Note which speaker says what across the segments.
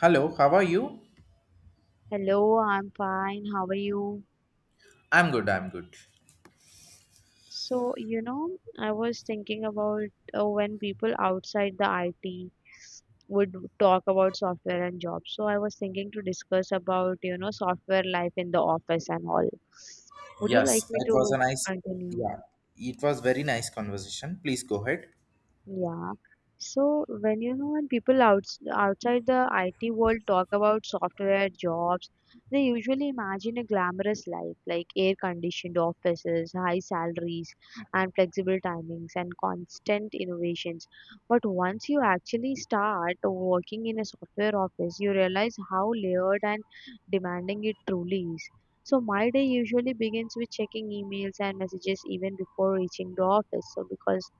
Speaker 1: Hello, how are you?
Speaker 2: Hello, I'm fine. How are you?
Speaker 1: I'm good, I'm good.
Speaker 2: So, you know, I was thinking about when people outside the IT would talk about software and jobs. So, I was thinking to discuss about, you know, software life in the office and all. Would you like
Speaker 1: Yes,
Speaker 2: me
Speaker 1: it was a
Speaker 2: to
Speaker 1: nice,
Speaker 2: continue?
Speaker 1: yeah, it was very nice conversation. Please go ahead.
Speaker 2: Yeah. So when you know when people outside the IT world talk about software jobs, they usually imagine a glamorous life like air-conditioned offices, high salaries, and flexible timings and constant innovations. But once you actually start working in a software office, you realize how layered and demanding it truly is. So my day usually begins with checking emails and messages even before reaching the office. So because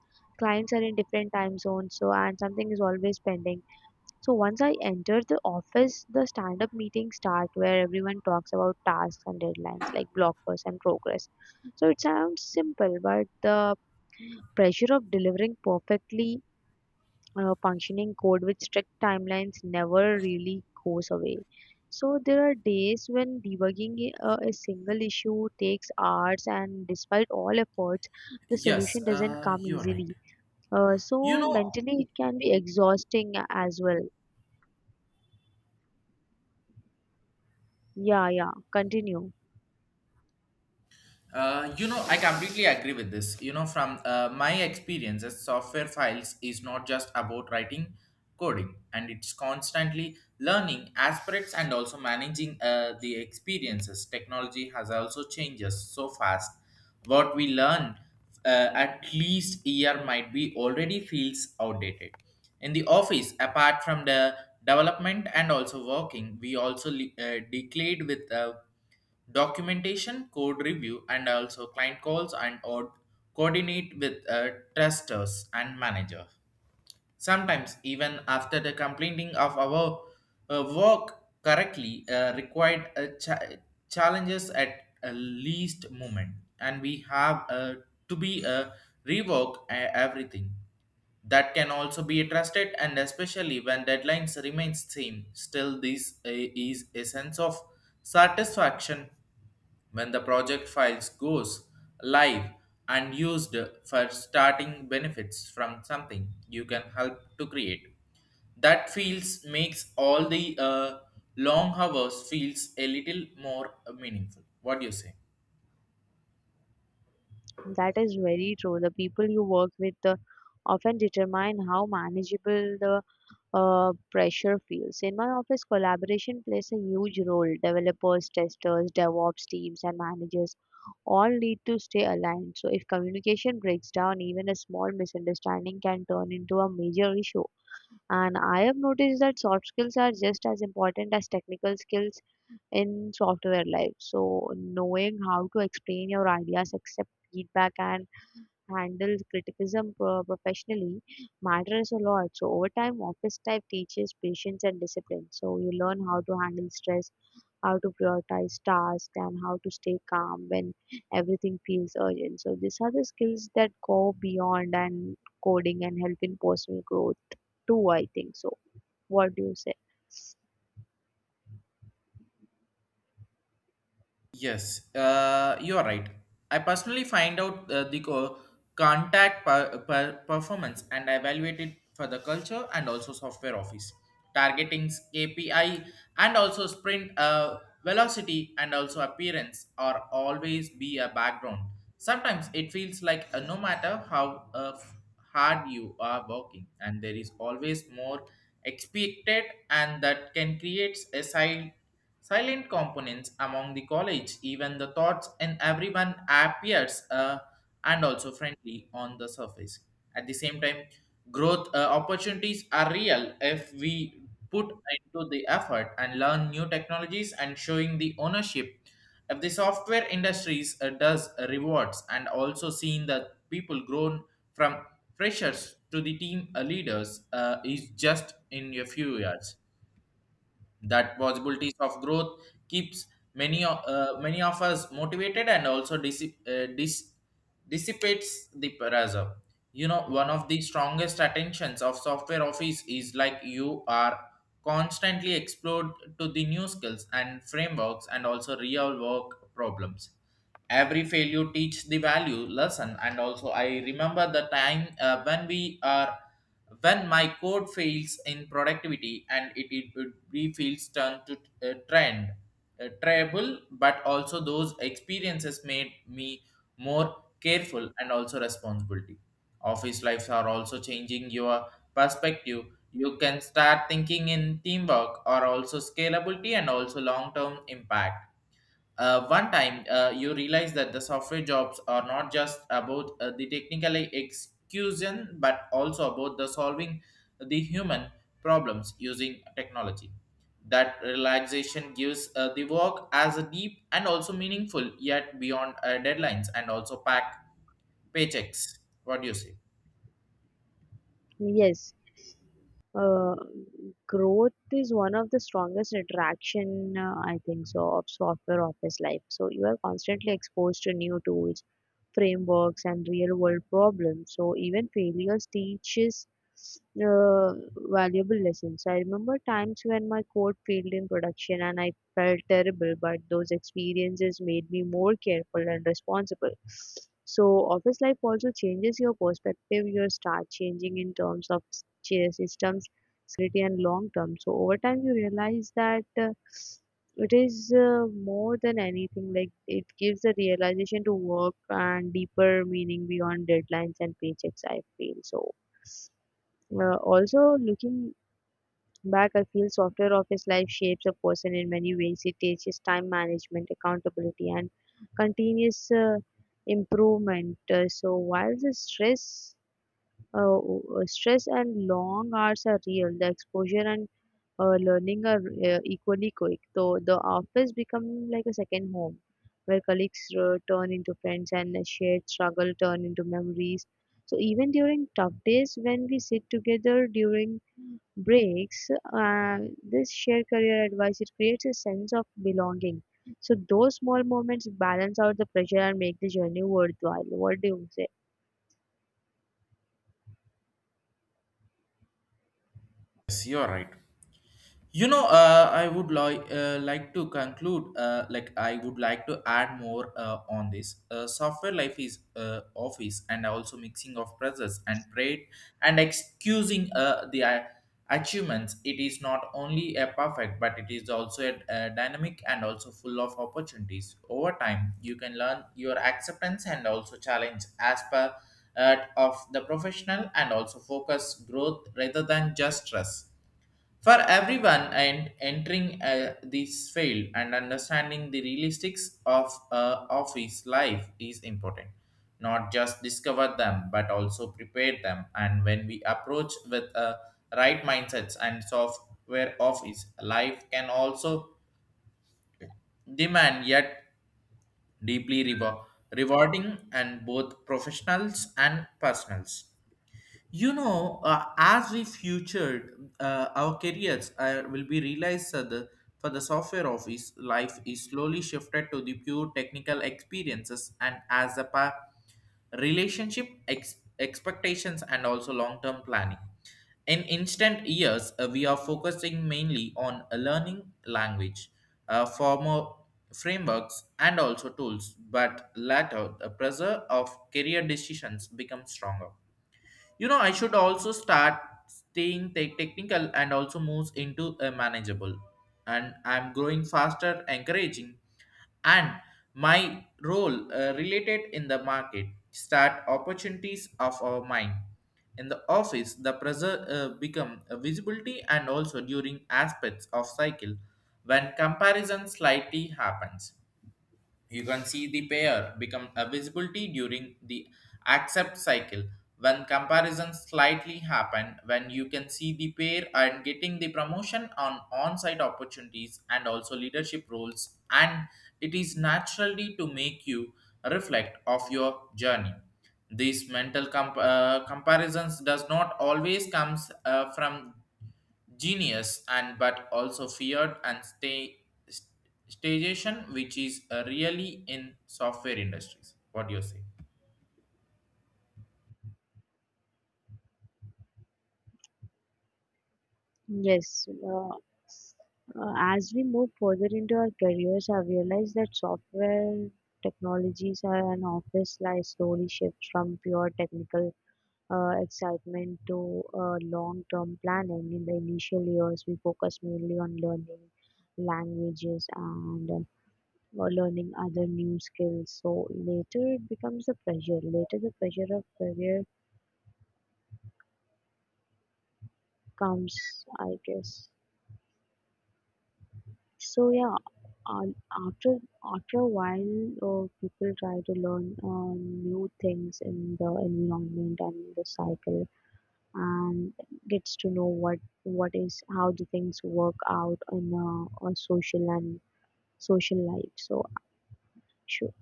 Speaker 2: clients are in different time zones, so and something is always pending. So once I enter the office, the stand up meetings start where everyone talks about tasks and deadlines like blockers and progress. So it sounds simple, but the pressure of delivering perfectly functioning code with strict timelines never really goes away. So there are days when debugging a single issue takes hours, and despite all efforts, the
Speaker 1: Yes,
Speaker 2: solution doesn't come
Speaker 1: you're right.
Speaker 2: easily. Uh,
Speaker 1: You
Speaker 2: so
Speaker 1: know,
Speaker 2: mentally it can be exhausting as well. Yeah, yeah, continue.
Speaker 1: You know, I completely agree with this. You know, from my experiences, software files is not just about writing coding, and it's constantly learning aspects and also managing the experiences. Technology has also changes so fast. What we learn at least year might be already feels outdated. In the office, apart from the development and also working, we also declared with. Documentation, code review, and also client calls and or coordinate with testers and manager. Sometimes, even after the completing of our work correctly, required challenges at a least moment, and we have to be rework everything. That can also be trusted, and especially when deadlines remain same. Still, this is a sense of satisfaction when the project files goes live and used for starting benefits from something you can help to create, that feels makes all the long hours feels a little more meaningful. What do you say?
Speaker 2: That is very true. The people you work with often determine how manageable the pressure feels. In my office, collaboration plays a huge role. Developers, testers, DevOps teams, and managers all need to stay aligned. So if communication breaks down, even a small misunderstanding can turn into a major issue. And I have noticed that soft skills are just as important as technical skills in software life. So knowing how to explain your ideas, accept feedback and handle criticism professionally matters a lot. So over time, office type teaches patience and discipline. So you learn how to handle stress, how to prioritize tasks and how to stay calm when everything feels urgent. So these are the skills that go beyond and coding and help in personal growth too, I think. So what do you say?
Speaker 1: Yes, you are right. I personally find out the performance and evaluate it for the culture and also software office targeting KPI and also sprint velocity and also appearance are always be a background. Sometimes it feels like no matter how hard you are working, and there is always more expected, and that can create a side. Silent components among the college, even the thoughts and everyone appears and also friendly on the surface. At the same time, growth opportunities are real if we put into the effort and learn new technologies and showing the ownership. If the software industries does rewards and also seeing the people grown from freshers to the team leaders is just in a few years that possibilities of growth keeps many of us motivated and also dissipates the pressure. You know, one of the strongest attentions of software office is like you are constantly explored to the new skills and frameworks and also real work problems. Every failure teach the value lesson and also I remember the time when we are when my code fails in productivity and it refills turn to trend tribal, but also those experiences made me more careful and also responsibility. Office lives are also changing your perspective. You can start thinking in teamwork or also scalability and also long term impact. One time, you realize that the software jobs are not just about the technical execution but also about the solving the human problems using technology. That relaxation gives the work as a deep and also meaningful yet beyond deadlines and also pack paychecks. What do you say?
Speaker 2: Yes. uh, Growth is one of the strongest attraction, I think so, of software office life. So you are constantly exposed to new tools, frameworks and real world problems. So even failures teaches uh, valuable lessons. I remember times when my code failed in production and I felt terrible, but those experiences made me more careful and responsible. So office life also changes your perspective. You start changing in terms of systems, security and long term. So over time you realize that it is uh, more than anything. Like it gives a realization to work and deeper meaning beyond deadlines and paychecks, I feel. So also, looking back, I feel software office life shapes a person in many ways. It teaches time management, accountability and continuous improvement. So while the stress, uh, stress and long hours are real. The exposure and learning are equally quick. So the office becomes like a second home, where colleagues turn into friends and a shared struggle turn into memories. So even during tough days, when we sit together during breaks, uh, this shared career advice, it creates a sense of belonging. So those small moments balance out the pressure and make the journey worthwhile. What do you say?
Speaker 1: Yes, you're right. You know, I would like to conclude like I would like to add more on this. Software life is office and also mixing of presence and pride and excusing the achievements. It is not only a perfect but it is also a dynamic and also full of opportunities. Over time you can learn your acceptance and also challenge as per of the professional and also focus growth rather than just stress for everyone and entering this field, and understanding the realistics of office life is important. Not just discover them, but also prepare them. And when we approach with a right mindsets and software office, life can also demand yet deeply rewarding and both professionals and personals. You know, as we futured, our careers will be realized for the software office. Life is slowly shifted to the pure technical experiences, and as a relationship expectations and also long-term planning. In instant years, we are focusing mainly on a learning language, formal frameworks, and also tools. But later, the pressure of career decisions becomes stronger. You know, I should also start staying technical and also moves into a manageable. And I'm growing faster, encouraging, and my role related in the market start opportunities of our mind. In the office, the pressure become a visibility and also during aspects of cycle when comparison slightly happens. You can see the pair become a visibility during the accept cycle when comparisons slightly happen, when you can see the pair and getting the promotion on on-site opportunities and also leadership roles, and it is naturally to make you reflect of your journey. These mental comparisons does not always comes from genius, and but also feared and stay st- stagnation, which is really in software industries. What do you say?
Speaker 2: Yes, as we move further into our careers, I've realized that software technologies are an office life slowly shifts from pure technical excitement to long-term planning. In the initial years, we focus mainly on learning languages and or learning other new skills. So later it becomes a pressure. Later the pressure of career comes, I guess. So after a while, people try to learn new things in the environment and the cycle, and gets to know what is how the things work out in a social and social life. So sure,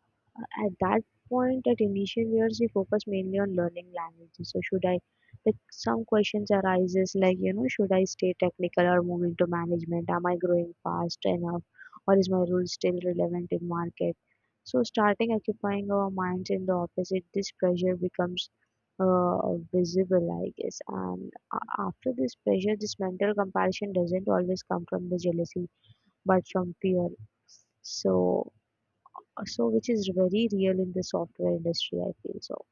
Speaker 2: at that point, at initial years we focus mainly on learning languages. So should I, like, some questions arises like, you know, should I stay technical or move into management? Am I growing fast enough or is my role still relevant in market? So starting occupying our minds in the opposite, this pressure becomes visible, I guess. And after this pressure, this mental comparison doesn't always come from the jealousy, but from fear. So so which is very real in the software industry, I feel so.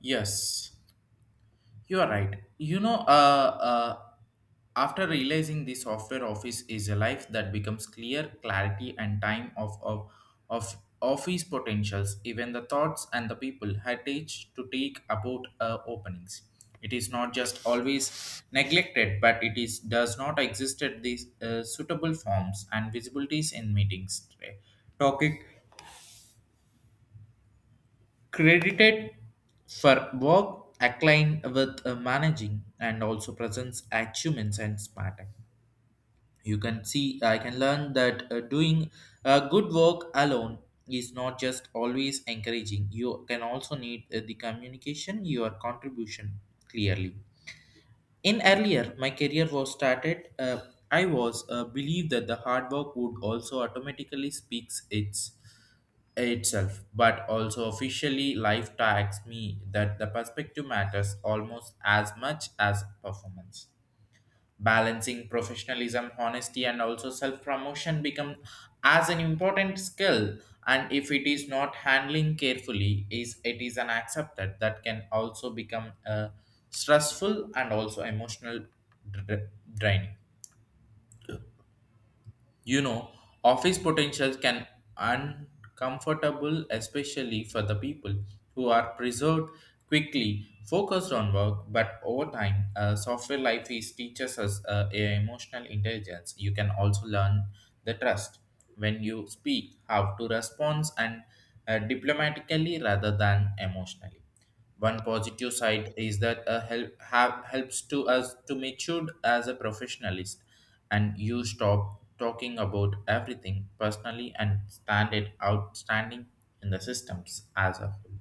Speaker 1: Yes. You are right. You know, uh, after realizing the software office is a life that becomes clear, clarity, and time of office potentials, even the thoughts and the people had teach to take about openings. It is not just always neglected, but it is does not existed these suitable forms and visibilities in meetings. Topic credited for work acclaim with managing and also presents achievements and smarting. You can see, I can learn that doing good work alone is not just always encouraging. You can also need the communication, your contribution clearly. In earlier my career was started I was believed that the hard work would also automatically speaks itself, but also officially life tags me that the perspective matters almost as much as performance. Balancing professionalism, honesty, and also self promotion become as an important skill. And if it is not handling carefully, is it is an accepted that can also become stressful and also emotional dra- draining. You know, office potentials can uncomfortable, especially for the people who are preserved quickly, focused on work, but over time, software life is teaches us a emotional intelligence. You can also learn the trust when you speak, how to respond and diplomatically rather than emotionally. One positive side is that a helps to us to mature as a professionalist, and you stop talking about everything personally and stand it outstanding in the systems as a whole.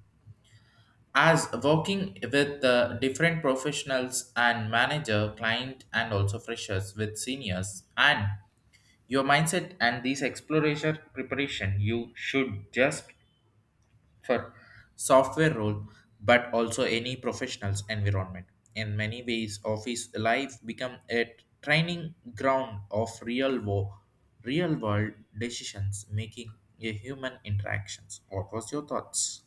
Speaker 1: As working with the different professionals and manager, client, and also freshers with seniors, and your mindset and this exploration preparation, you should just for software role but also any professional's environment. In many ways office life become a training ground of real world decisions making a human interactions. What was your thoughts?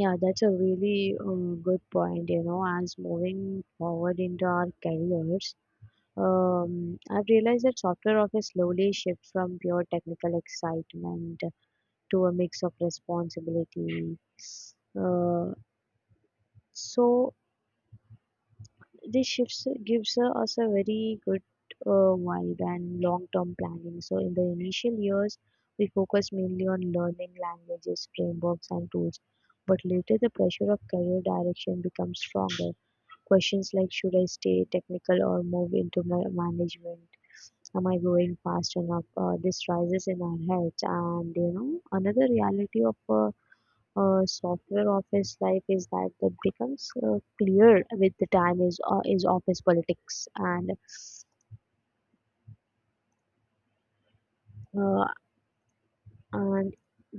Speaker 2: Yeah, that's a really good point. You know, as moving forward into our careers, I've realized that software office slowly shifts from pure technical excitement to a mix of responsibility. Uh, so this shifts gives us a very good wide and long-term planning. So in the initial years, we focus mainly on learning languages, frameworks, and tools. But later, the pressure of career direction becomes stronger. Questions like should I stay technical or move into management? Am I growing fast enough? This rises in our heads, and you know another reality of software office life is that becomes clear with the time is office politics and uh, and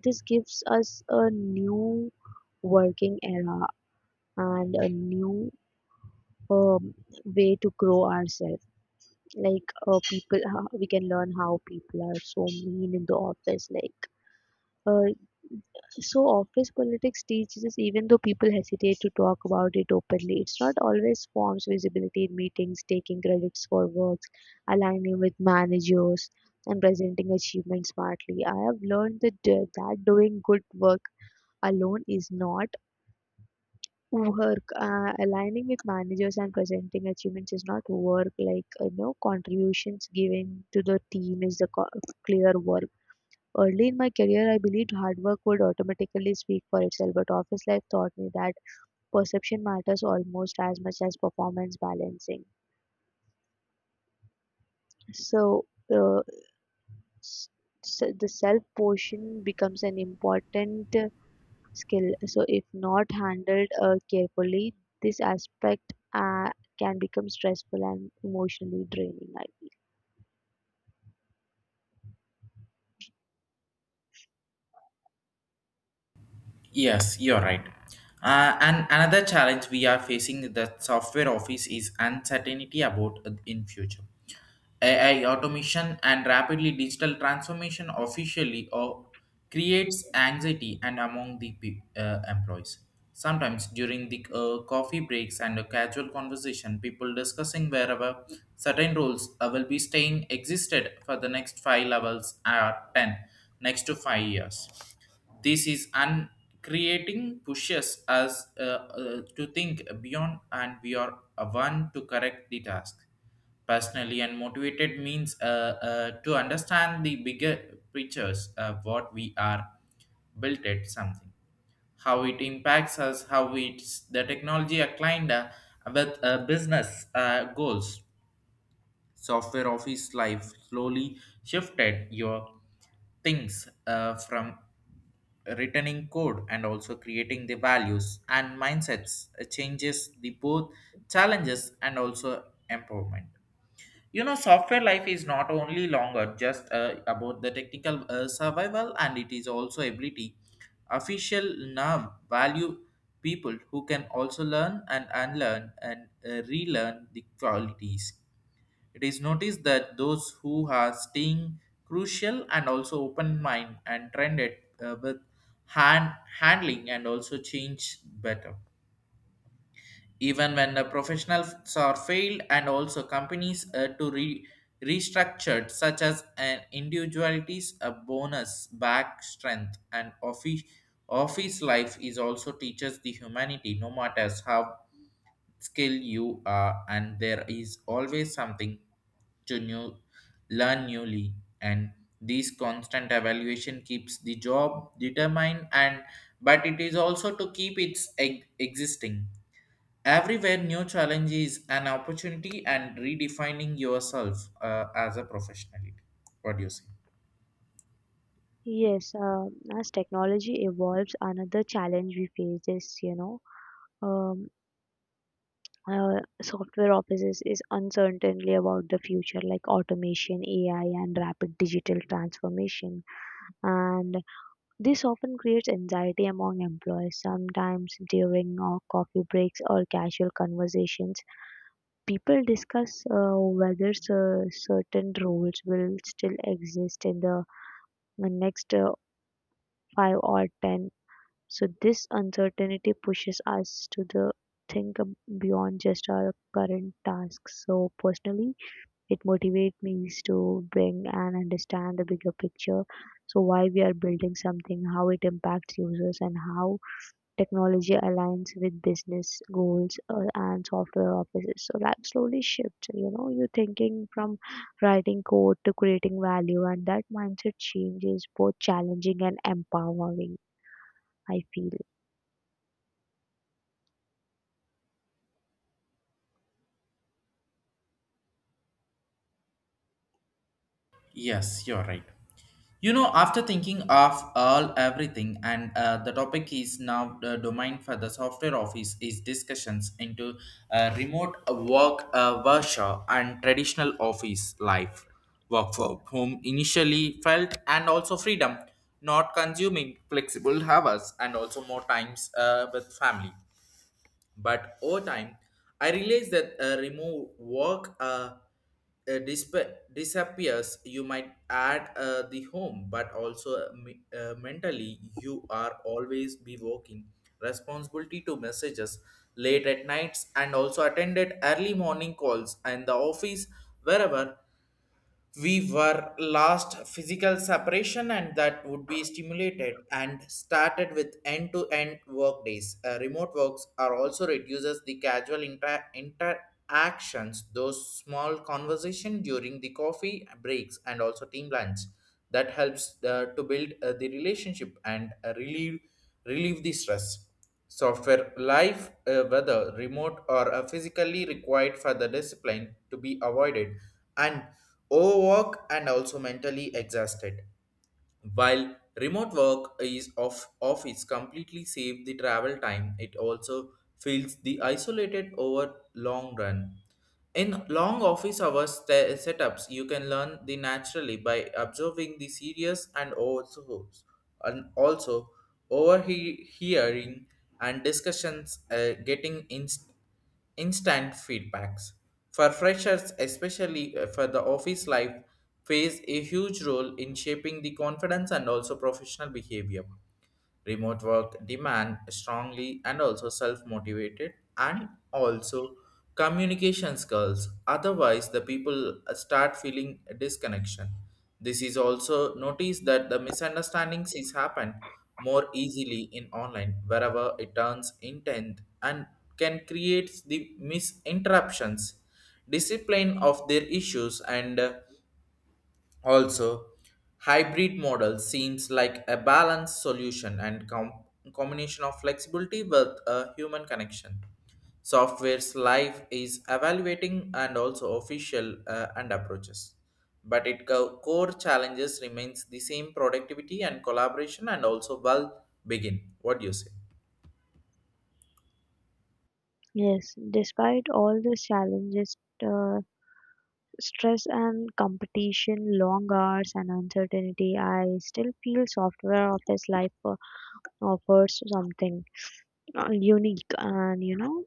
Speaker 2: this gives us a new working era and a new, um, way to grow ourselves, like people how we can learn how people are so mean in the office like uh, So office politics teaches us, even though people hesitate to talk about it openly, it's not always forms visibility in meetings, taking credits for works, aligning with managers, and presenting achievements smartly. I have learned that doing good work alone is not work. Aligning with managers and presenting achievements is not work. Like, you know, contributions given to the team is the clear work. Early in my career, I believed hard work would automatically speak for itself, but office life taught me that perception matters almost as much as performance balancing. So, uh, s- so the self portion becomes an important skill. So, if not handled carefully, this aspect can become stressful and emotionally draining, I feel.
Speaker 1: Yes, you're right. And another challenge we are facing in the software office is uncertainty about in future. AI automation and rapidly digital transformation officially or creates anxiety and among the employees. Sometimes during the coffee breaks and a casual conversation, people discussing wherever certain roles will be staying existed for the next five levels or ten next to 5 years. This is un creating pushes us to think beyond, and we are one to correct the task. Personally and motivated means to understand the bigger pictures, what we are built at something, how it impacts us, how it's the technology aligned with business goals. Software office life slowly shifted your things from returning code and also creating the values and mindsets changes the both challenges and also empowerment. You know, software life is not only longer just about the technical survival, and it is also ability official now value people who can also learn and unlearn and relearn the qualities. It is noticed that those who are staying crucial and also open mind and trended with hand handling and also change better, even when the professionals are failed and also companies restructured, such as an individuality's a bonus back strength. And office life is also teaches the humanity. No matter how skilled you are, and there is always something to new learn newly, and this constant evaluation keeps the job determined, and but it is also to keep its egg existing. Everywhere, new challenge is an opportunity and redefining yourself as a professionality. What do you say?
Speaker 2: Yes, as technology evolves, another challenge we face is, you know, um, software offices is uncertainly about the future, like automation AI and rapid digital transformation. And this often creates anxiety among employees. Sometimes during coffee breaks or casual conversations, people discuss whether certain roles will still exist in the next 5 or 10. So this uncertainty pushes us to the think beyond just our current tasks. So personally, it motivates me to bring and understand the bigger picture. So why we are building something, how it impacts users, and how technology aligns with business goals, and software offices. So that slowly shifts. You know, you're thinking from writing code to creating value, and that mindset change is both challenging and empowering, I feel.
Speaker 1: Yes, you're right. You know, after thinking of all everything, and the topic is now the domain for the software office is discussions into remote work workshop and traditional office life, work from home initially felt, and also freedom, not consuming flexible hours, and also more times with family. But over time, I realized that remove work disappears. You might add the home, but also mentally, you are always be working. Responsibility to messages late at nights and also attended early morning calls and the office wherever we were last physical separation and that would be stimulated and started with end-to-end work days. Remote works are also reduces the casual interactions, those small conversation during the coffee breaks and also team lunch that helps to build the relationship and uh, relieve the stress. Software life, whether remote or physically, required for the discipline to be avoided and overwork and also mentally exhausted. While remote work is off office completely save the travel time, it also feels the isolated over long run. In long office hours setups, you can learn the naturally by observing the serious and also overhearing and discussions, getting instant feedbacks. For freshers, especially for the office life, plays a huge role in shaping the confidence and also professional behavior. Remote work demand strongly and also self-motivated and also communication skills. Otherwise, the people start feeling a disconnection. This is also notice that the misunderstandings is happen more easily in online wherever it turns intent and can create the misinterruptions discipline of their issues and also, hybrid model seems like a balanced solution and combination of flexibility with a human connection. Software's life is evaluating and also official and approaches. But its core challenges remains the same productivity and collaboration and also well begin. What do you say?
Speaker 2: Yes. Despite all the challenges. Uh, Stress and competition, long hours and uncertainty, I still feel software office life offers something unique. And, you know,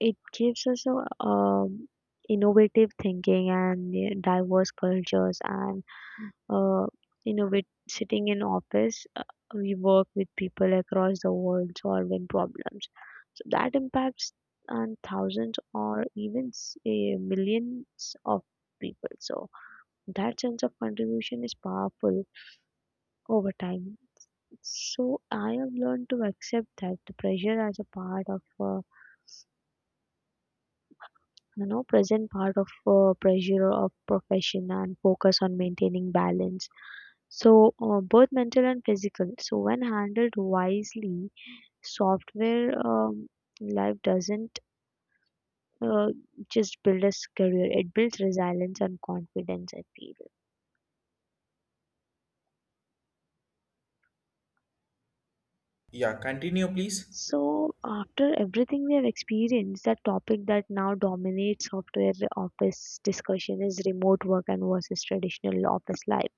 Speaker 2: it gives us a, innovative thinking and diverse cultures and, uh, you know, with sitting in office, we work with people across the world solving problems, so that impacts on thousands or even millions of people. So that sense of contribution is powerful over time. So I have learned to accept that the pressure as a part of, you know, present part of pressure of profession and focus on maintaining balance. So both mental and physical. So when handled wisely, software, life doesn't uh, just build a career; it builds resilience and confidence, I feel.
Speaker 1: Yeah, continue please.
Speaker 2: So after everything we have experienced, that topic that now dominates software office discussion is remote work and versus traditional office life.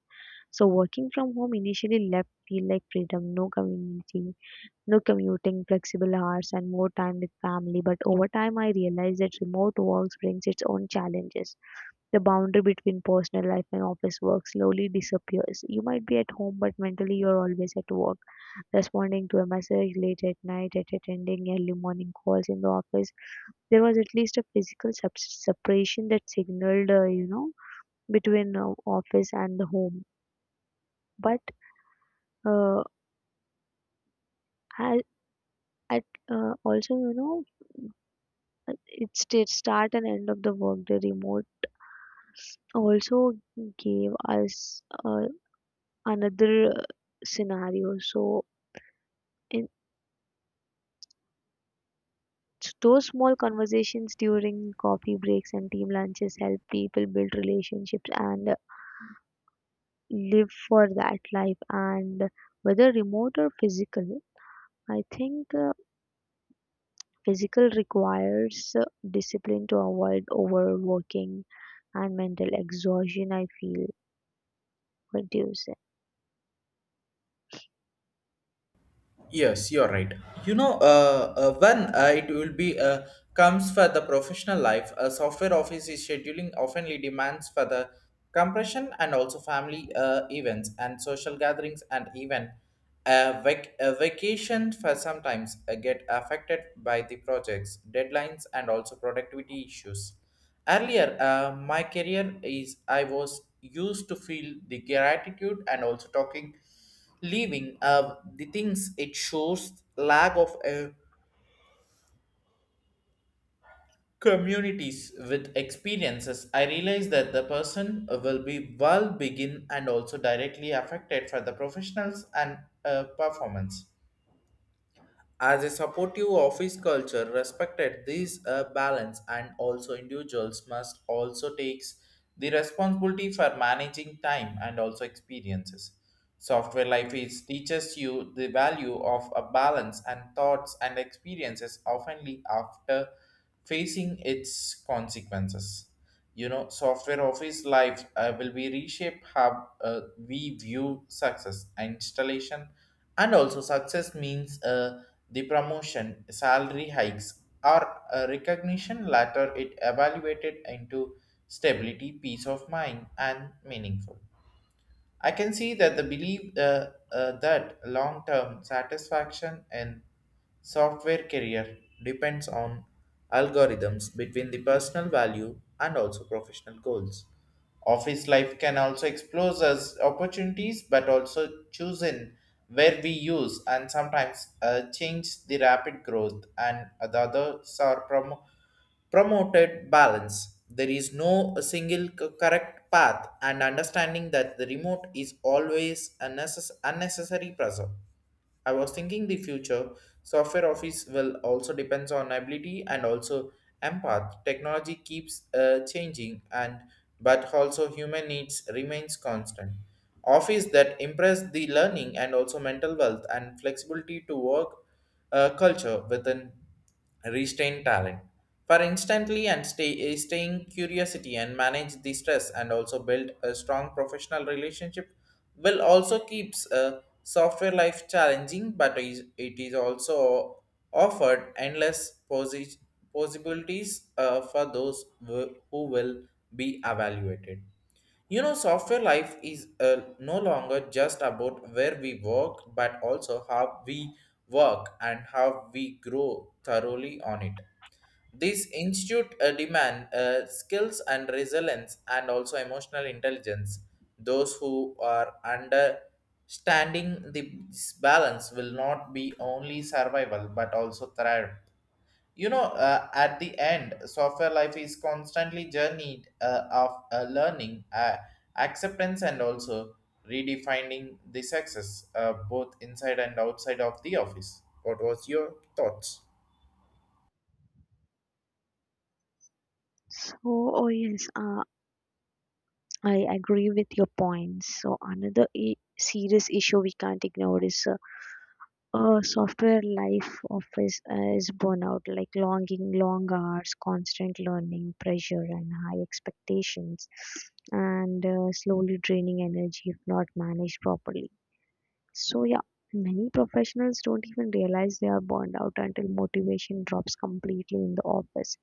Speaker 2: So working from home initially left feel like freedom, no community, no commuting, flexible hours and more time with family. But over time I realized that remote work brings its own challenges. The boundary between personal life and office work slowly disappears. You might be at home, but mentally you're always at work, responding to a message late at night, at attending early morning calls in the office. There was at least a physical separation that signaled, you know, between office and the home. But uh, I, at also, you know, it's the start and end of the workday. Remote also gave us a another scenario. So, in those small conversations during coffee breaks and team lunches help people build relationships and, live for that life. And whether remote or physical, I think physical requires discipline to avoid overworking and mental exhaustion, I feel. What do you say?
Speaker 1: Yes, you're right. You know, when it will be comes for the professional life, a software office is scheduling oftenly demands for the compression and also family events and social gatherings and even a, a vacation for sometimes get affected by the projects, deadlines, and also productivity issues. Earlier, my career is I was used to feel the gratitude and also talking leaving of the things it shows lack of communities with experiences. I realize that the person will be well begin and also directly affected for the professionals and performance. As a supportive office culture respected this balance and also individuals must also takes the responsibility for managing time and also experiences. Software life is teaches you the value of a balance and thoughts and experiences oftenly after facing its consequences. You know software office life will be reshape how we view success and installation and also success means the promotion salary hikes or recognition later it evaluated into stability peace of mind and meaningful. I can see that the belief that long term satisfaction in software career depends on algorithms between the personal value and also professional goals. Office life can also explore us opportunities but also choosing where we use and sometimes change the rapid growth and the others are promoted balance. There is no single correct path, and understanding that the remote is always a unnecessary pressure. I was thinking the future software office will also depends on ability and also empath. Technology keeps changing, and but also human needs remains constant. Office that impress the learning and also mental wealth and flexibility to work culture within restrain talent for instantly and stay staying curiosity and manage the stress and also build a strong professional relationship will also keeps a software life challenging but it is also offered endless possibilities for those who will be evaluated. You know, software life is no longer just about where we work, but also how we work and how we grow thoroughly on it. This institute demand skills and resilience and also emotional intelligence. Those who are understanding this balance will not be only survival but also thrive. You know at the end software life is constantly journeyed of learning, acceptance and also redefining the success both inside and outside of the office. What was your thoughts?
Speaker 2: So, oh yes, I agree with your points. So another, I serious issue we can't ignore is, a software life office is burnout, like longing long hours, constant learning pressure and high expectations and slowly draining energy if not managed properly. So yeah, many professionals don't even realize they are burned out until motivation drops completely in the office.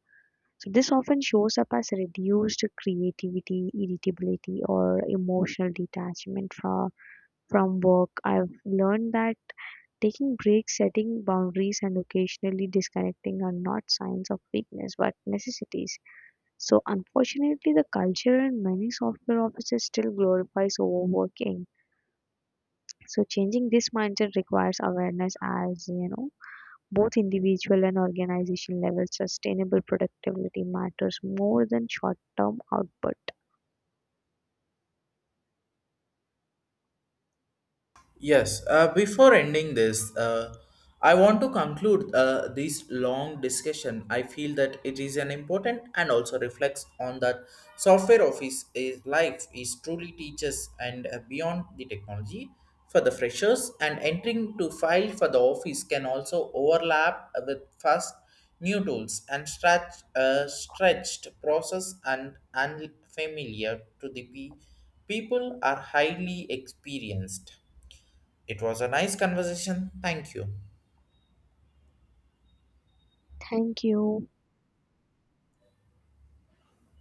Speaker 2: So this often shows up as reduced creativity, irritability or emotional detachment from work. I've learned that taking breaks, setting boundaries, and occasionally disconnecting are not signs of weakness but necessities. So, unfortunately, the culture in many software offices still glorifies overworking. So, changing this mindset requires awareness, as you know, both individual and organization level sustainable productivity matters more than short term output.
Speaker 1: Yes, before ending this, I want to conclude this long discussion. I feel that it is an important and also reflects on that software office is life is truly teaches and beyond the technology for the freshers and entering to file for the office can also overlap with fast new tools and stretch, stretched process and unfamiliar to the people are highly experienced. It was a nice conversation. Thank you.
Speaker 2: Thank you.